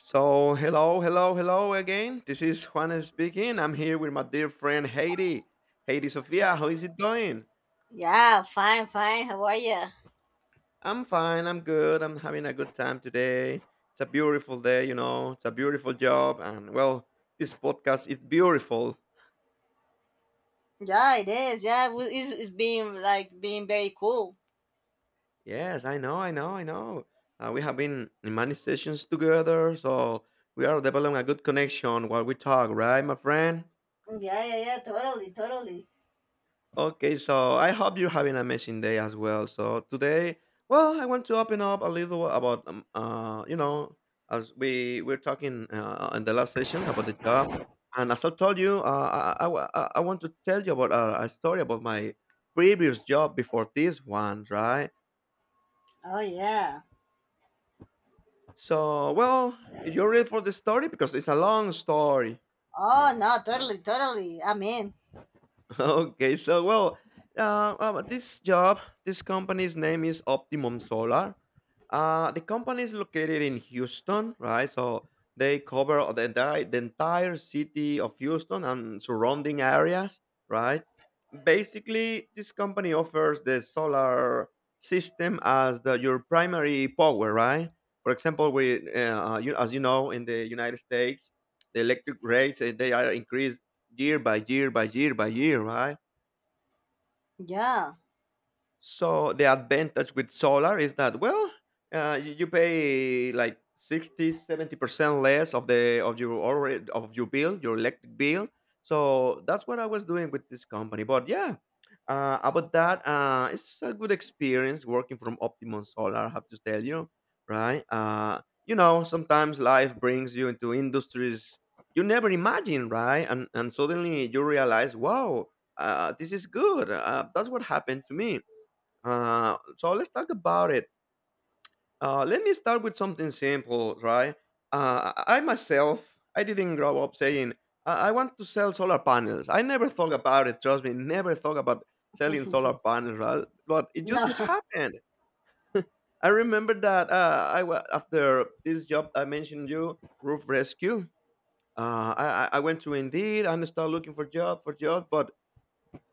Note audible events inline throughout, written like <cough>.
So, hello, hello, hello again. This is Juan speaking. I'm here with my dear friend Heidi. Heidi Sofia, how is it going? Yeah, fine, fine. How are you? I'm fine. I'm good. I'm having a good time today. It's a beautiful day. It's a beautiful job. And well, this podcast is beautiful. Yeah, it is. Yeah, it's being like being very cool. Yes, I know, I know, I know. We have been in many sessions together. So, we are developing a good connection while we talk, right, my friend? Yeah, yeah, yeah. Totally, totally. Okay, so I hope you're having an amazing day as well. So today, well, I want to open up a little about, as we're talking in the last sessions about the job, and as I told you, I, wa- I want to tell you about a story about my previous job before this one, right? Oh yeah. So, well, you're ready for the story because it's a long story. Oh no, totally, totally. I'm in. <laughs> Okay, so well, uh, uh, this job, this company's name is Optimum Solar. The company is located in Houston, right? So they cover the entire city of Houston and surrounding areas, right? Basically, this company offers the solar system as your primary power, right? For example, as you know, in the United States, the electric rates they are increased year by year by year by year, right? Yeah. So the advantage with solar is that well, you pay like 60, 70% less of the of your already of your bill, your electric bill. So that's what I was doing with this company. But yeah, about that, it's a good experience working from Optimum Solar. I have to tell you, right? Sometimes life brings you into industries you never imagine, right? And suddenly you realize, wow, this is good. That's what happened to me, so let's talk about it. Let me start with something simple, right? I myself, I didn't grow up saying I want to sell solar panels. I never thought about it. Trust me, never thought about selling solar panels, right? But it No. just had <laughs> happened. <laughs> I remember that after this job I mentioned you, Roof Rescue. I went to Indeed and started looking for job, but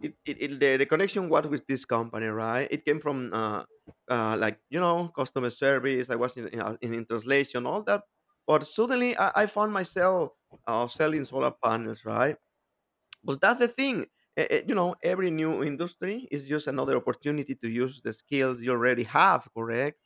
the connection was with this company, right? It came from customer service. I was in translation, all that. But suddenly, I found myself selling solar panels, right? But that's the thing. Every new industry is just another opportunity to use the skills you already have, correct?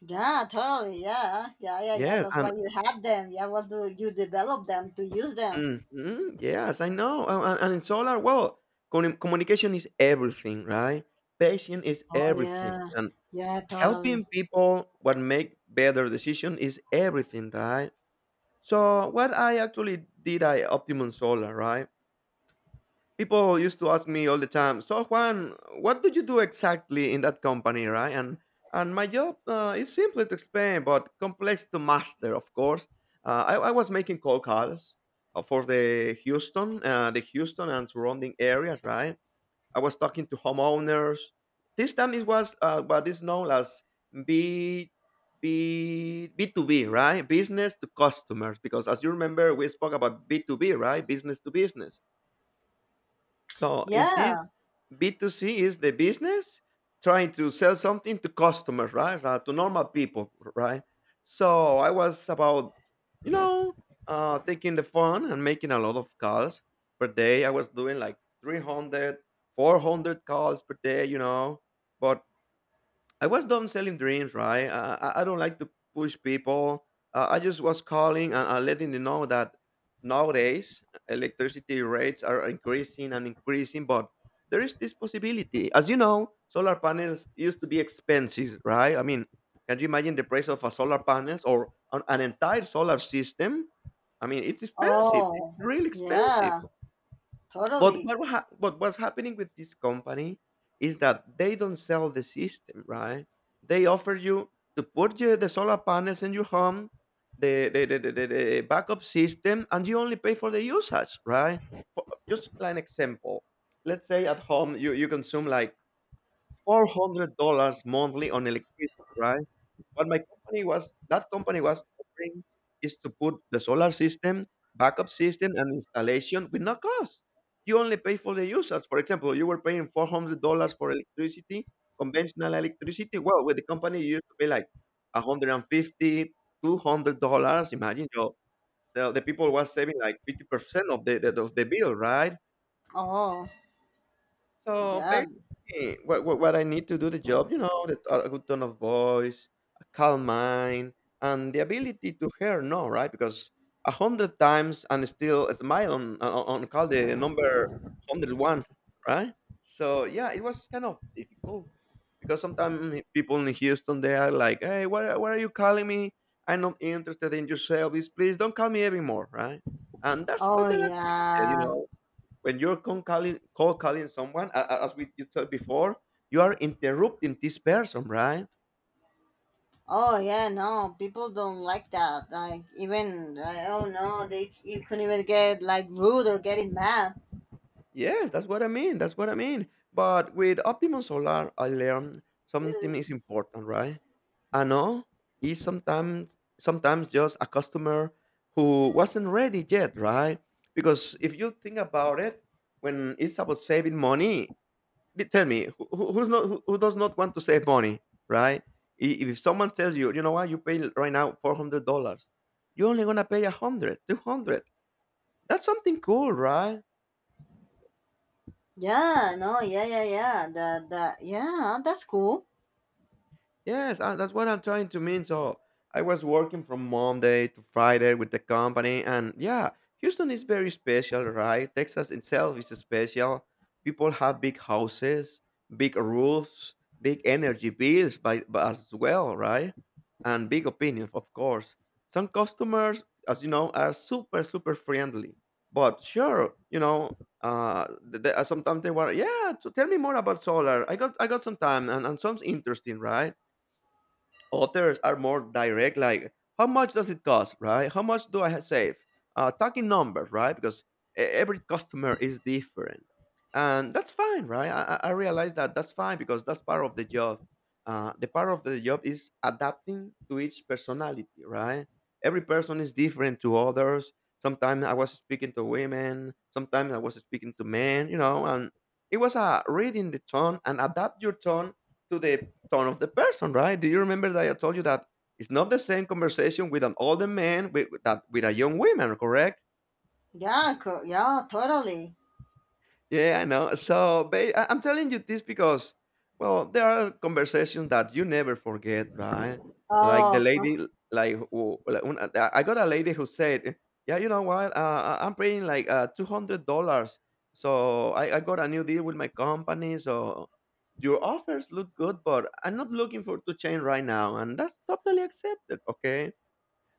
Yeah, totally. Yeah, yeah, yeah, yeah. Yes, That's why and you have them. Yeah, what do you develop them to use them? mhm, yes, I know. And in solar, well, communication is everything, right? Patience is Oh everything, yeah. and Yeah, totally. helping people what make better decision is everything, right? So what I actually did, I Optimum Solar, right? People used to ask me all the time, so Juan, what do you do exactly in that company, right? And my job is simple to explain but complex to master, of course. I was making cold calls for the Houston and surrounding areas, right? I was talking to homeowners. This time it was what is known as B B B2B, right? Business to customers. Because as you remember, we spoke about B2B, right? Business to business. So in this, Yeah. B2C is the business trying to sell something to customers, right? To normal people, right? So I was about, you know, taking the phone and making a lot of calls per day. I was doing like 300, 400 calls per day. But I was done selling dreams, right? I don't like to push people. I just was calling and letting them know that nowadays electricity rates are increasing and increasing, but there is this possibility. As you know, solar panels used to be expensive, right? I mean, can you imagine the price of a solar panels or an entire solar system? I mean, it's expensive. It's Oh. really expensive. Yeah. But Totally. What's happening with this company is that they don't sell the system, right? They offer you to put you the solar panels in your home, the backup system, and you only pay for the usage, right? For just like an example, let's say at home you consume like $400 monthly on electricity, right? What my company was That company was offering is to put the solar system, backup system, and installation with no cost. You only pay for the usage. For example, you were paying $400 for electricity, conventional electricity. Well, with the company, you used to pay like 150, $200. Imagine, the people was saving like 50% of the of the bill, right? Oh. So Yeah. basically, what I need to do the job, that a good tone of voice, a calm mind, and the ability to hear no, right? Because a hundred times and still smile on call the number 101, right? So yeah, it was kind of difficult because sometimes people in Houston they are like, "Hey, why are you calling me? I'm not interested in your service. Please don't call me anymore," right? And that's Oh totally accepted, you yeah. know when you're calling someone as we you told before, you are interrupting this person, right? Oh yeah, no, people don't like that. Like even I don't know, they you couldn't even get like rude or getting mad. Yes, that's what I mean, that's what I mean. But with Optimum Solar, I learned something is important, right? I know. Is sometimes, just a customer who wasn't ready yet, right? Because if you think about it, when it's about saving money, tell me who does not want to save money, right? If someone tells you, you know what, you pay right now $400, you're only gonna pay a hundred, 200. That's something cool, right? Yeah, no, yeah, yeah, yeah. The Yeah, that's cool. Yes, that's what I'm trying to mean. So I was working from Monday to Friday with the company, and yeah, Houston is very special, right? Texas itself is special. People have big houses, big roofs, big energy bills, but as well, right? And big opinions, of course. Some customers, as you know, are super super friendly, but sure. Uh, sometimes they were, yeah. So tell me more about solar. I got some time, and, some's interesting, right? Others are more direct, like how much does it cost, right? How much do I save? Talking numbers, right? Because every customer is different, and that's fine, right? I realize that that's fine because that's part of the job. The part of the job is adapting to each personality, right? Every person is different to others. Sometimes I was speaking to women, sometimes I was speaking to men, and it was a reading the tone and adapt your tone to the tone of the person, right? Do you remember that I told you that it's not the same conversation with an older man with a young woman, correct? Yeah, yeah, totally. Yeah, I know. I'm telling you this because, well, there are conversations that you never forget, right? Like the Oh, lady, <laughs> like, who, like when I got a lady who said, "Yeah, you know what? I'm paying like $200, so I got a new deal with my company. So your offers look good, but I'm not looking for to change right now, and that's totally accepted, okay?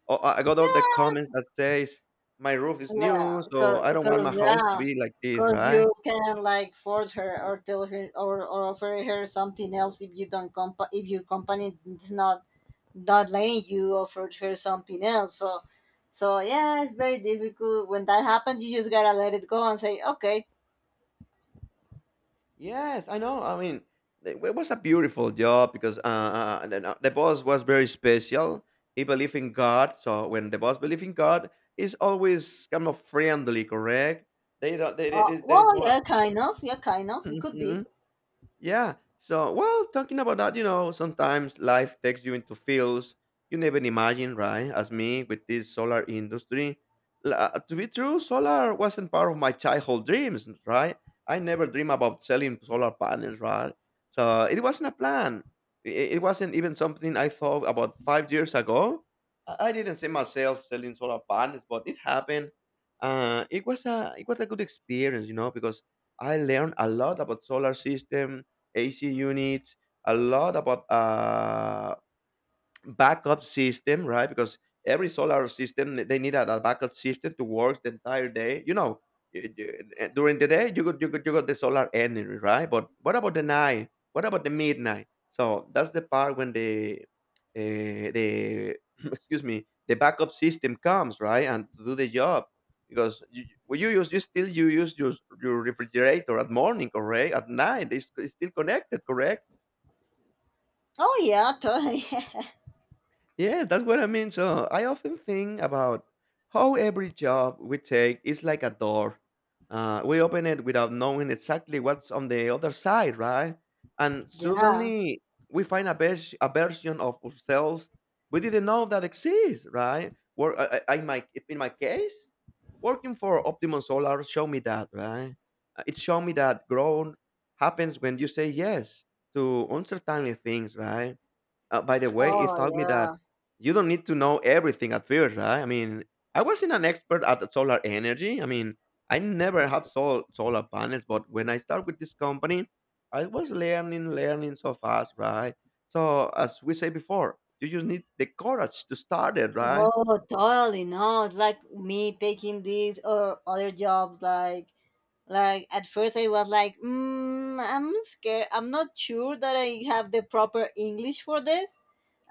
Oh, I got all the comments that says my roof is yeah, new, cause, so I don't want my cause house to yeah, be like this, cause right? you can like force her or tell her or offer her something else if you don't compa if your company is not letting you offered her something else. So yeah, it's very difficult. When that happens, you just gotta let it go and say, okay. Yes, I know. I mean, it was a beautiful job because the boss was very special. He believed in God, so when the boss believes in God, he's always kind of friendly, correct? They don't. There is Well, no. Yeah, kind of, it could be. Mhm. Yeah. So, well, talking about that, sometimes life takes you into fields you never imagine, right? As me with this solar industry. To be true, solar wasn't part of my childhood dreams, right? I never dreamed about selling solar panels, right? So it wasn't a plan. It wasn't even something I thought about 5 years ago. I didn't see myself selling solar panels, but it happened. It was a good experience, because I learned a lot about solar system AC units, a lot about backup system, right? Because every solar system they need a backup system to work the entire day. You know, during the day you got the solar energy, right? But what about the night? What about the midnight? So that's the part when the <clears throat> excuse me the backup system comes, right, and to do the job because you use your refrigerator at morning, correct? At night it's still connected, correct? Oh yeah, totally. <laughs> Yeah, that's what I mean. So I often think about how every job we take is like a door. We open it without knowing exactly what's on the other side, right? And Yeah. suddenly we find a version of ourselves we didn't know that exists, right? Where in my case, working for Optimum Solar showed me that, right? It showed me that growth happens when you say yes to uncertainty things, right? By the way, it Oh taught me that yeah. you don't need to know everything at first, right? I mean, I wasn't an expert at solar energy. I mean, I never had solar panels, but when I started with this company, I was learning, learning so fast, right? So, as we say before, you just need the courage to start it, right? Oh totally. No, it's like me taking this or other job. Like at first I was like, I'm scared. I'm not sure that I have the proper English for this.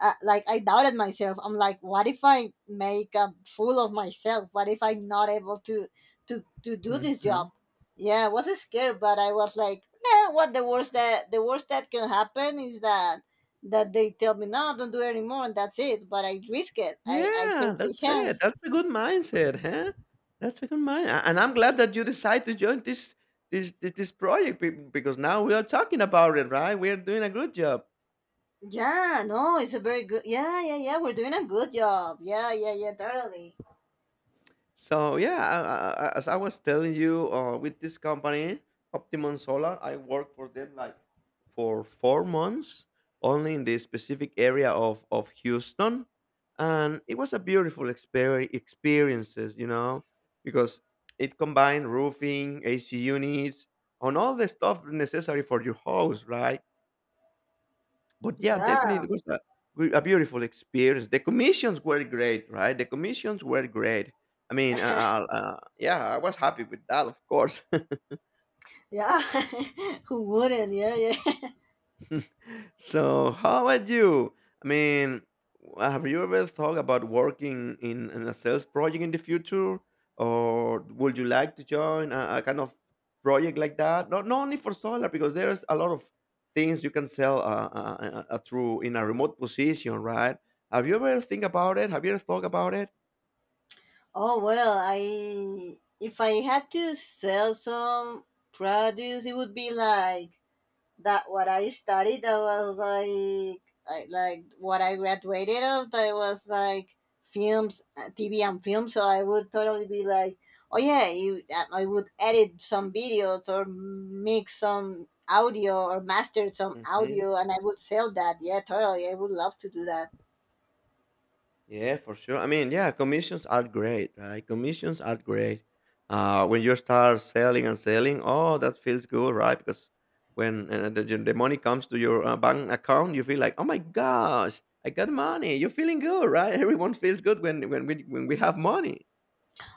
Like, I doubted myself. I'm like, what if I make a fool of myself? What if I'm not able to do this job? Mhm. Yeah, I was scared, but I was like, nah, what the worst that can happen is that they tell me no, don't do it anymore, and that's it. But I risk it. I Yeah, take the that's it. chance. That's a good mindset, huh? That's a good mind, and I'm glad that you decide to join this project because now we are talking about it, right? We are doing a good job. Yeah, no, it's a very good. Yeah, yeah, yeah. We're doing a good job. Yeah, yeah, yeah. Totally. So yeah, as I was telling you, with this company, Optimum Solar, I worked for them like for 4 months, only in the specific area of Houston, and it was a beautiful experiences, you know, because it combined roofing, AC units, and all the stuff necessary for your house, right? But yeah, definitely Yeah, it was a beautiful experience. The commissions were great, right? The commissions were great. I mean, yeah, I was happy with that, of course. yeah. <laughs> Who wouldn't? Yeah, yeah. <laughs> So how about you? I mean, have you ever thought about working in a sales project in the future, or would you like to join a kind of project like that? Not, not only for solar, because there's a lot of things you can sell, through in a remote position, right? Have you ever think about it? Have you ever thought about it? Oh well, I if I had to sell some produce, it would be like that what I studied. That was like, I, like what I graduated of. That was like films, TV and film. So I would totally be like, oh yeah, I would edit some videos or mix some audio or master some audio, and I would sell that. Yeah, totally. I would love to do that. Yeah, for sure. I mean, yeah, commissions are great, right? Commissions are great. When you start selling and selling, oh, that feels good, right? Because when the money comes to your bank account, you feel like, oh my gosh, I got money. You're feeling good, right? <laughs> Everyone feels good when we have money.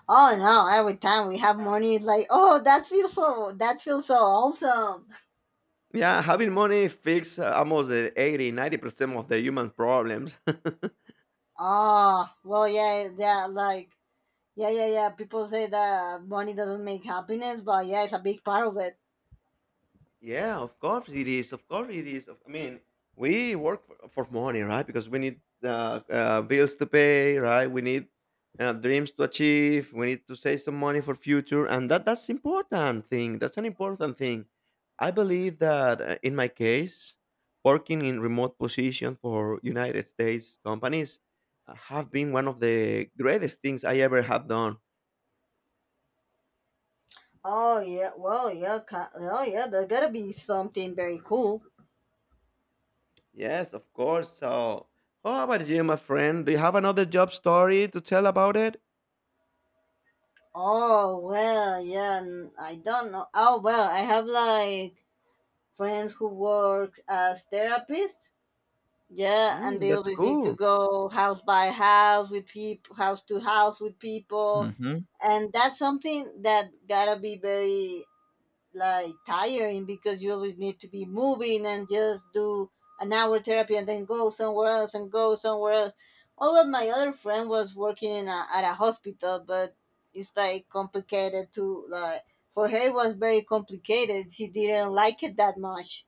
Oh no, every time we have money, it's like, oh, that feels so awesome. Yeah, having money fixes almost the 80, 90% of the human problems. <laughs> Oh, well, yeah, yeah, like, yeah, yeah, yeah. People say that money doesn't make happiness, but yeah, it's a big part of it. Yeah, of course it is. Of course it is. I mean, we work for money, right? Because we need bills to pay, right? We need dreams to achieve. We need to save some money for future, and that's important thing. That's an important thing. I believe that in my case, working in remote position for United States companies have been one of the greatest things I ever have done. Oh, yeah, well, yeah, oh, yeah, there gotta be something very cool. Yes, of course. So, how about you, my friend? Do you have another job story to tell about it? Oh, well, yeah, I don't know. Oh, well, I have like friends who work as therapists. Yeah, and Mm, they that's always need to cool. go house by house with people, house to house with people, Mm-hmm. and that's something that gotta be very like tiring because you always need to be moving and just do an hour therapy and then go somewhere else and go somewhere else. All of my other friend was working at a hospital, but it's like complicated to like, for her, it was very complicated. She didn't like it that much.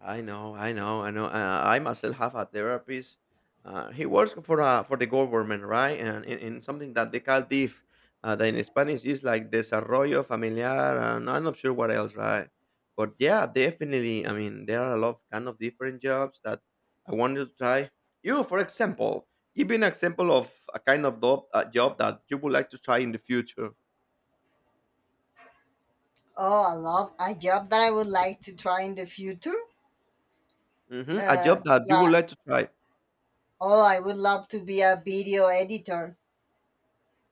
I know, I know, I know. I myself have a therapist. He works for the government, right? And in something that they call DIF, that in Spanish is like desarrollo familiar, and I'm not sure what else, right? But yeah, definitely. I mean, there are a lot of kind of different jobs that I wanted to try. You, for example, give me an example of a kind of job, a job that you would like to try in the future. Oh, I love a job that I would like to try in the future. Hmm. A Uh, job that you would like, like to try. oh, I would love to be a video editor.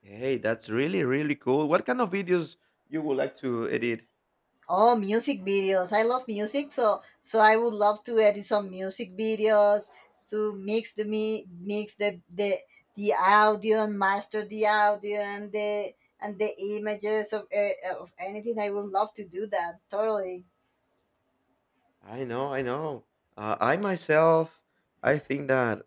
Hey, that's really, really cool. What kind of videos you would like to edit? Oh, music videos. I love music, so I would love to edit some music videos, to mix the audio and master the audio and the images of anything. I would love to do that totally. I know, I know. I myself, I think that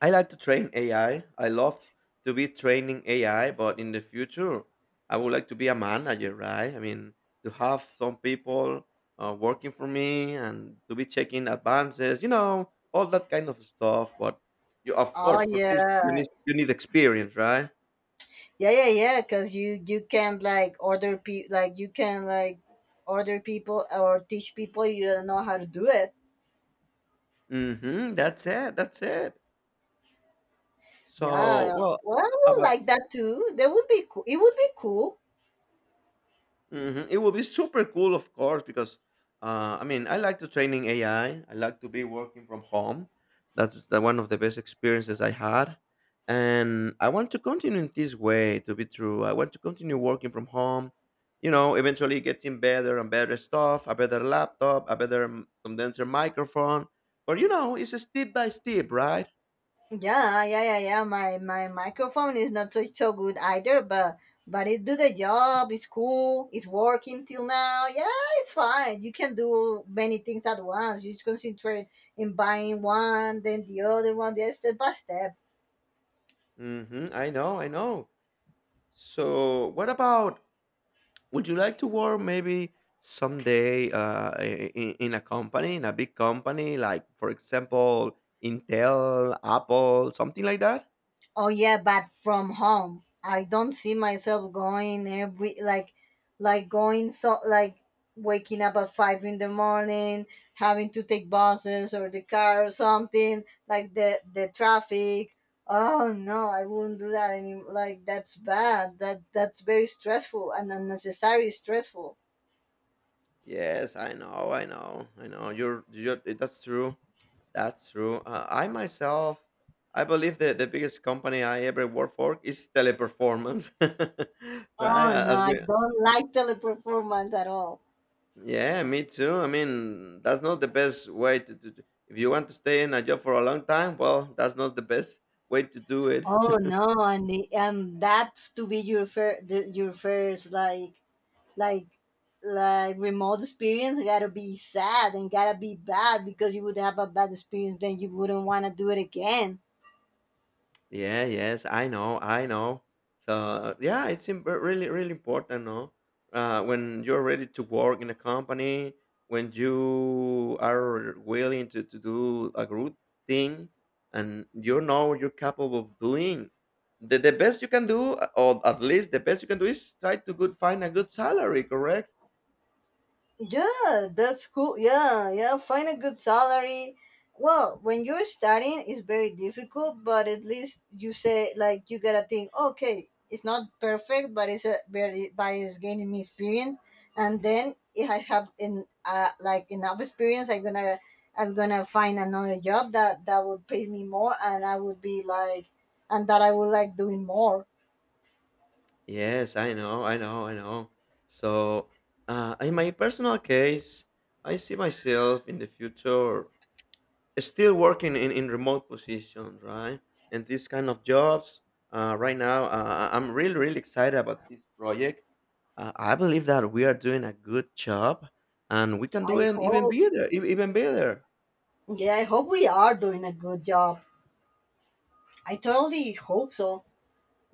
I like to train AI. I love to be training AI, but in the future, I would like to be a manager, right? I mean, to have some people working for me and to be checking advances, you know, all that kind of stuff. But you, of Oh course, for this, you yeah. need you need experience, right? Yeah, yeah, yeah. Cause you can like order pe like you can like order people or teach people you don't know how to do it. Mm-hmm. That's it. That's it. Yeah, So, well, well, I would about like that too. That would be cool. It would be cool. mhm, it will be super cool, of course, because I mean, I like to training AI. I like to be working from home. That's the, one of the best experiences I had, and I want to continue in this way. To be true, I want to continue working from home. You know, eventually getting better and better stuff, a better laptop, a better condenser microphone. But you know, it's a step by step, right? Yeah, yeah, yeah, yeah. My microphone is not so good either, but it do the job. It's cool. It's working till now. Yeah, it's fine. You can do many things at once. You just concentrate in buying one, then the other one. Yes, step by step. Hmm. I know, I know. So, what about, would you like to work maybe someday in a company, in a big company, like for example, Intel, Apple, something like that? Oh yeah, but from home. I don't see myself going every like, going so like, waking up at 5 in the morning, having to take buses or the car or something, like the traffic. Oh no, I wouldn't do that any like that's bad. That's very stressful and unnecessary stressful. Yes, I know, I know, I know. That's true. That's true. I myself, I believe that the biggest company I ever worked for is Teleperformance, <laughs> right? Oh no, As I we, don't like Teleperformance at all. yeah, me too. I mean, that's not the best way to do. If you want to stay in a job for a long time, well, that's not the best way to do it. Oh no, and that to be your first like, like like remote experience gotta be sad and gotta be bad because you would have a bad experience then you wouldn't want to do it again. Yeah, yes, I know, I know. So yeah, it's really, really important, no? When you're ready to work in a company, when you are willing to do a good thing, and you know you're capable of doing the best you can do, or at least the best you can do is try to good find a good salary, correct? Yeah, that's cool. Yeah, yeah, find a good salary. Well, when you're starting, it's very difficult, but at least you say like, you gotta think, okay, it's not perfect, but but it's gaining me experience, and then if I have in like enough experience, I'm gonna, find another job that would pay me more, and I would be like, and that I would like doing more. Yes, I know, I know, I know. So, in my personal case, I see myself in the future still working in remote positions, right? And these kind of jobs. Right now, I'm really, really excited about this project. I believe that we are doing a good job, and we can do I it even hope. better, even better. Yeah, I hope we are doing a good job. I totally hope so.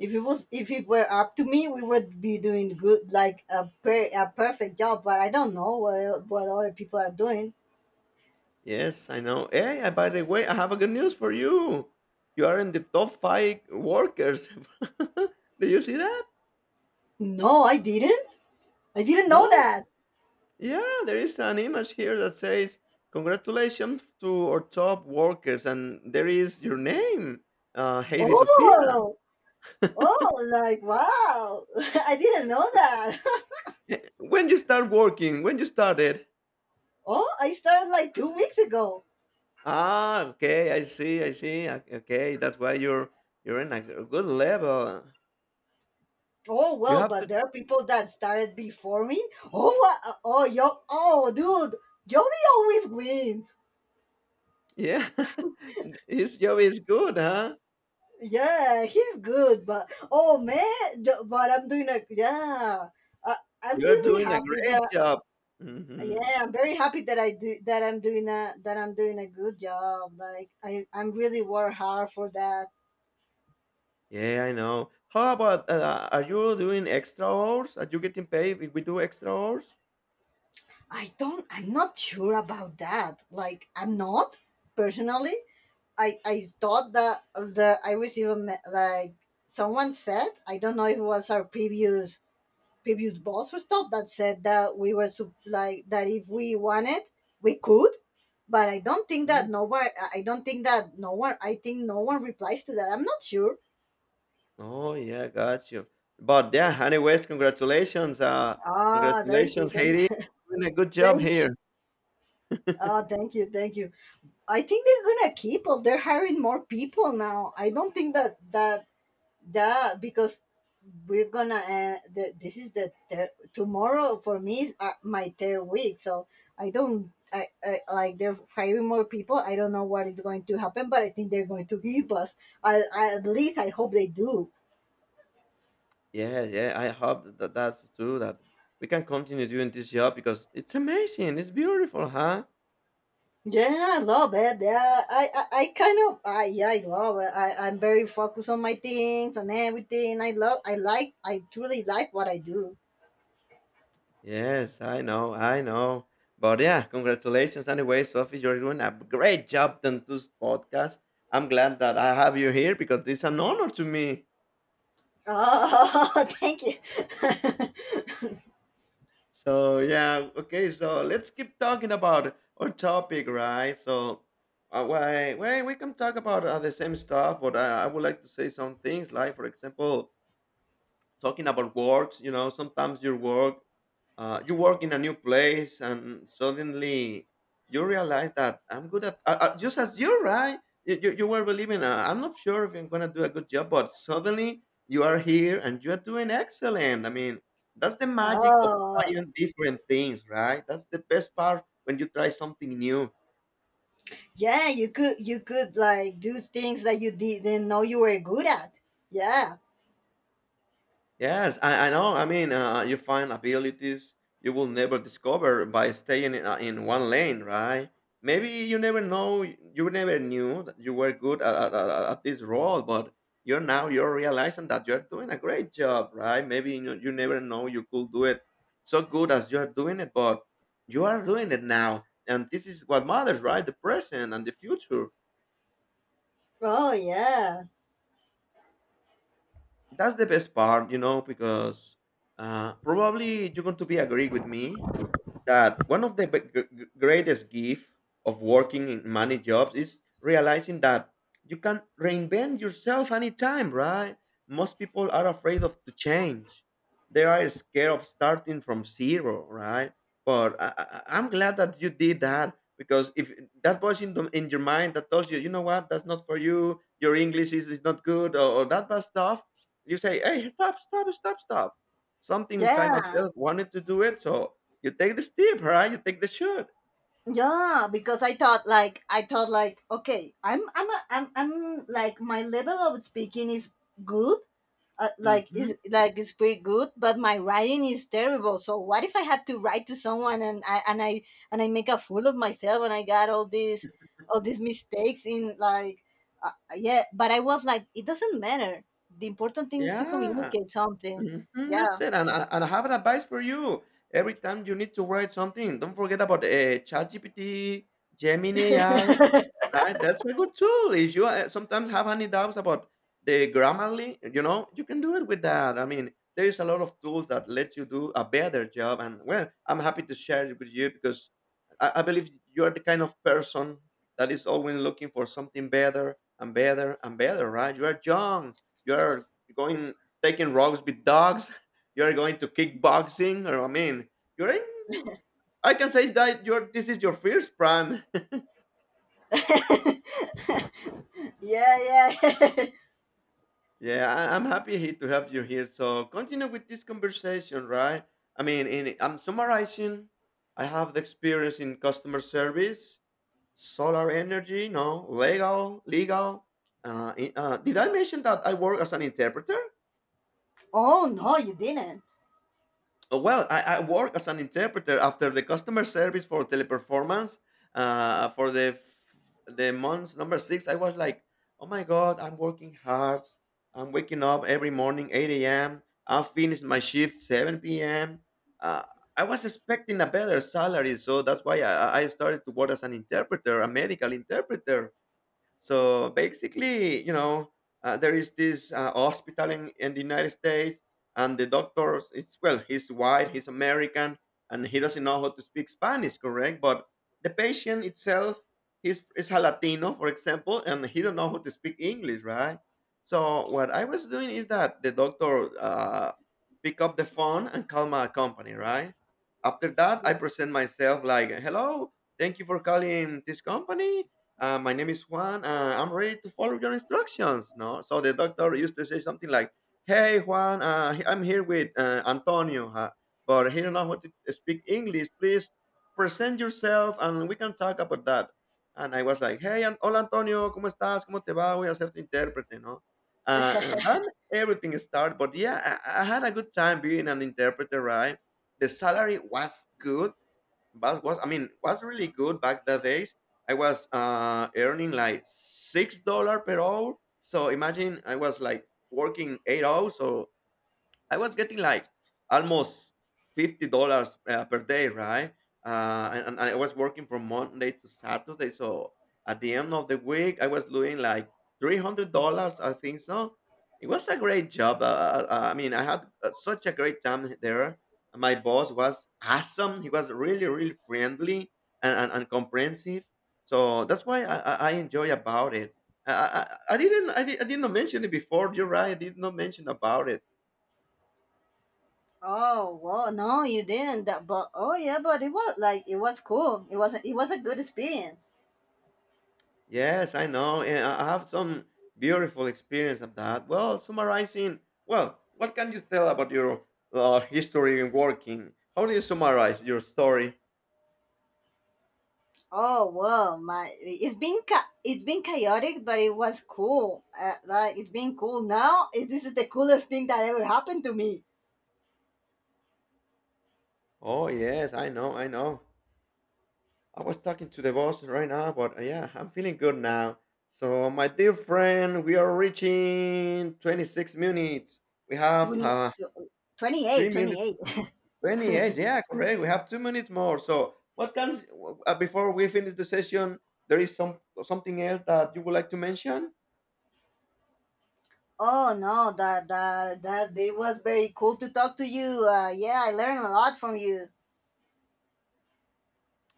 If it were up to me, we would be doing good, like a perfect job. But I don't know what other people are doing. Yes, I know. Hey, by the way, I have a good news for you. You are in the top 5 workers. <laughs> Did you see that? No, I didn't. I didn't know No, that. yeah, there is an image here that says congratulations to our top workers, and there is your name, Heidi Sophia. Oh, oh, like, wow. <laughs> I didn't know that. Eh, when you start working, when you started. <laughs> Oh, I started like 2 weeks ago. Ah, okay, I see, I see. Okay, that's why you're in a good level. Oh You well, have but to, there are people that started before me. Oh, dude, Joey always wins. yeah. <laughs> His job is good, huh? Yeah, he's good, but oh man, but I'm doing a, yeah. Uh, I'm You are really doing a happy great that, job. Hmm. yeah, I'm very happy that I'm doing a good job. Like, I'm really work hard for that. Yeah, I know. How about are you doing extra hours? Are you getting paid if we do extra hours? I'm not sure about that. Like, I'm not personally. I thought that the I received like someone said, I don't know if it was our previous boss or stuff that said that we were like that if we wanted we could, but I don't think that Mm. no one, I don't think that no one, I think no one replies to that. I'm not sure. Oh, yeah, got you. But yeah, anyways, congratulations. Ah, thank you, Congratulations, thank Haiti. you. Doing a good job Thank you. here. Ah, thank you, thank you. I think they're gonna keep up, they're hiring more people now. I don't think that. Yeah, because this is tomorrow for me is, my third week, so I don't I like they're hiring more people. I don't know what is going to happen, but I think they're going to give us, I at least I hope they do. Yeah, yeah. I hope that that's true. That we can continue doing this job because it's amazing. It's beautiful, huh? Yeah, I love it. Yeah, I kind of, I yeah, I love it. I'm very focused on my things, and everything, I truly like what I do. Yes, I know, I know. But yeah, congratulations anyway, Sophie. You're doing a great job on this podcast. I'm glad that I have you here because it's an honor to me. Oh, <laughs> thank you. <laughs> So yeah, okay. So let's keep talking about our topic, right? So why we can talk about the same stuff, but I would like to say some things. Like for example, talking about works, you know, sometimes your work, you work in a new place and suddenly you realize that I'm good at just as you're, right? You were believing, I'm not sure if I'm going to do a good job, but suddenly you are here and you are doing excellent. I mean, that's the magic of Oh trying different things, right? That's the best part when you try something new. yeah, you could like do things that you didn't know you were good at. Yeah. Yes, I know. I mean, you find abilities you will never discover by staying in one lane, right? Maybe you never know, you never knew that you were good at this role, but you're realizing that you're doing a great job, right? Maybe you, you never know you could do it so good as you're doing it, but you are doing it now, and this is what matters, right? The present and the future. Oh yeah. That's the best part, because probably you're going to be agree with me that one of the greatest gift of working in many jobs is realizing that you can reinvent yourself anytime, right? Most people are afraid of to change. They are scared of starting from zero, right? But I'm glad that you did that, because if that was in your mind that tells you, you know what, that's not for you, your english is not good, or that bad stuff, you say, "Hey, stop stop stop stop, something inside Yeah. myself wanted to do it." So you take the step, right? You take the shot. Yeah, because I thought like, okay, I'm a, I'm I'm like, my level of speaking is good, Mhm. Like is pretty good, but my writing is terrible. So what if I have to write to someone and I and I and I make a fool of myself, and I got all these mistakes in like, uh, yeah, but I was like, it doesn't matter. The important thing is to Yeah. communicate something. Mhm, Yeah. that's it, and I have an advice for you. Every time you need to write something, don't forget about, ChatGPT, Gemini AI. <laughs> That's a good tool. If you sometimes have any doubts about the Grammarly, you know, you can do it with that. I mean, there is a lot of tools that let you do a better job. And well, I'm happy to share it with you, because I believe you are the kind of person that is always looking for something better and better and better, right? You are young. You are going taking walks with dogs. <laughs> You are going to kickboxing, or I mean, you're in. I can say that your This is your first prime. <laughs> Yeah, yeah. <laughs> Yeah, I'm happy to have you here. So continue with this conversation, right? I mean, I'm summarizing. I have the experience in customer service, solar energy, no, legal, legal. Did I mention that I work as an interpreter? Oh no, you didn't. Oh, well, I work as an interpreter after the customer service for Teleperformance. For the months number six, I was like, oh my god, I'm working hard. I'm waking up every morning 8 a.m. I finish my shift 7 p.m. Uh, I was expecting a better salary, so that's why I started to work as an interpreter, a medical interpreter. So basically, you know, there is this hospital in the United States, and the doctor, it's well, he's white, he's American, and he doesn't know how to speak Spanish, correct? But the patient itself, he's is a Latino, for example, and he don't know how to speak English, right? So what I was doing is that the doctor pick up the phone and call my company, right? After that, I present myself like, "Hello, thank you for calling this company, my name is Juan. I'm ready to follow your instructions." No, so the doctor used to say something like, "Hey Juan, I'm here with Antonio, huh? But he don't know how to speak English. Please present yourself, and we can talk about that." And I was like, "Hey, hola Antonio, cómo estás? ¿Cómo te va? Voy a ser tu intérprete, no?" <laughs> And then everything started. But yeah, I had a good time being an interpreter, right? The salary was good, but was, I mean, was really good back the days. I was earning like 6 dollar per hour. So imagine I was like working 8 hours, so I was getting like almost $50 per day, right? And I was working from Monday to Saturday, so at the end of the week, I was doing like $300, I think so. It was a great job. I mean, I had such a great time there. My boss was awesome. He was really, really friendly and comprehensive. So that's why I enjoy about it. I did not mention it before. You're right. I did not mention about it. Oh well, no, you didn't. But oh yeah, but it was like, it was cool. It wasn't. It was a good experience. Yes, I know. And I have some beautiful experience of that. Well, summarizing, well, what can you tell about your history in working? How do you summarize your story? Oh well, my it's been cha- it's been chaotic, but it was cool. Like, it's been cool. Now is This is the coolest thing that ever happened to me. Oh, yes, I know, I know. I was talking to the boss right now, but yeah, I'm feeling good now. So, my dear friend, we are reaching 26 minutes. We have 20, twenty three eight, twenty minutes eight. 28, <laughs> yeah, correct. We have 2 minutes more. So, what can before we finish the session, there is something else that you would like to mention? Oh no, that that that it was very cool to talk to you. Yeah, I learned a lot from you.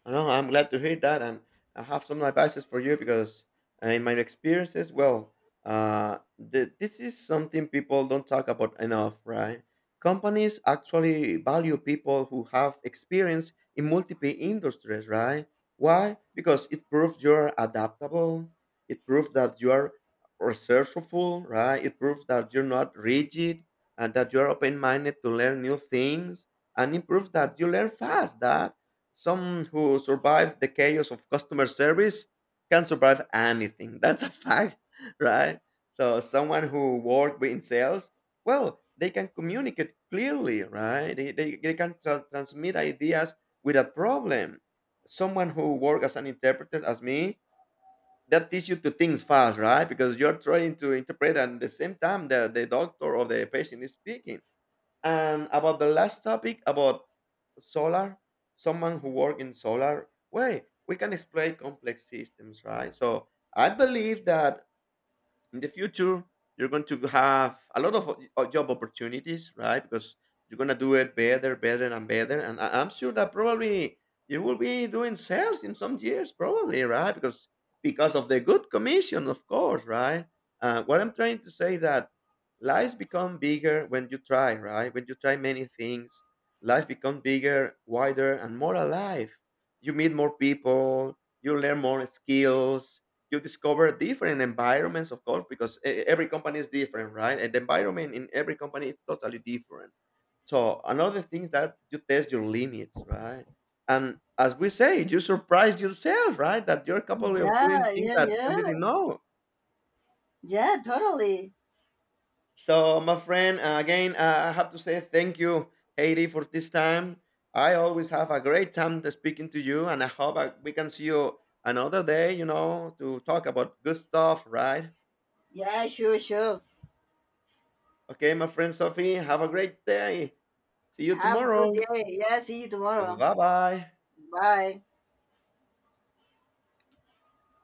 I know. I'm glad to hear that, and I have some advices for you because in my experiences, well, this is something people don't talk about enough, right? Companies actually value people who have experience in multiple industries, right? Why? Because it proves you're adaptable. It proves that you are resourceful, right? It proves that you're not rigid and that you're open-minded to learn new things, and it proves that you learn fast. That some who survive the chaos of customer service can survive anything. <laughs> That's a fact, <laughs> right? So someone who worked in sales, well, they can communicate clearly, right? They can transmit ideas without problem. Someone who works as an interpreter, as me, that teach you to things fast, right? Because you're trying to interpret and at the same time, the doctor or the patient is speaking. And about the last topic about solar, someone who work in solar, way we can explain complex systems, right? So I believe that in the future you're going to have a lot of job opportunities, right? Because you're going to do it better better and better, and I'm sure that probably you will be doing sales in some years probably, right? Because of the good commission, of course, right? What I'm trying to say that lives become bigger when you try, right? When you try many things, life becomes bigger, wider, and more alive. You meet more people, you learn more skills, you discover different environments, of course, because every company is different, right? And the environment in every company is totally different. So another thing that you test your limits, right? And as we say, you surprise yourself, right? That you're capable of doing Yeah, things yeah, that you yeah, didn't know. yeah, totally. So my friend, again, I have to say thank you, Haiti, for this time. I always have a great time to speaking to you, and I hope we can see you another day, you know, to talk about good stuff, right? Yeah, sure, sure. Okay, my friend Sophie, have a great day. See you Have a good tomorrow. day. Yeah, see you tomorrow. Bye bye. Bye.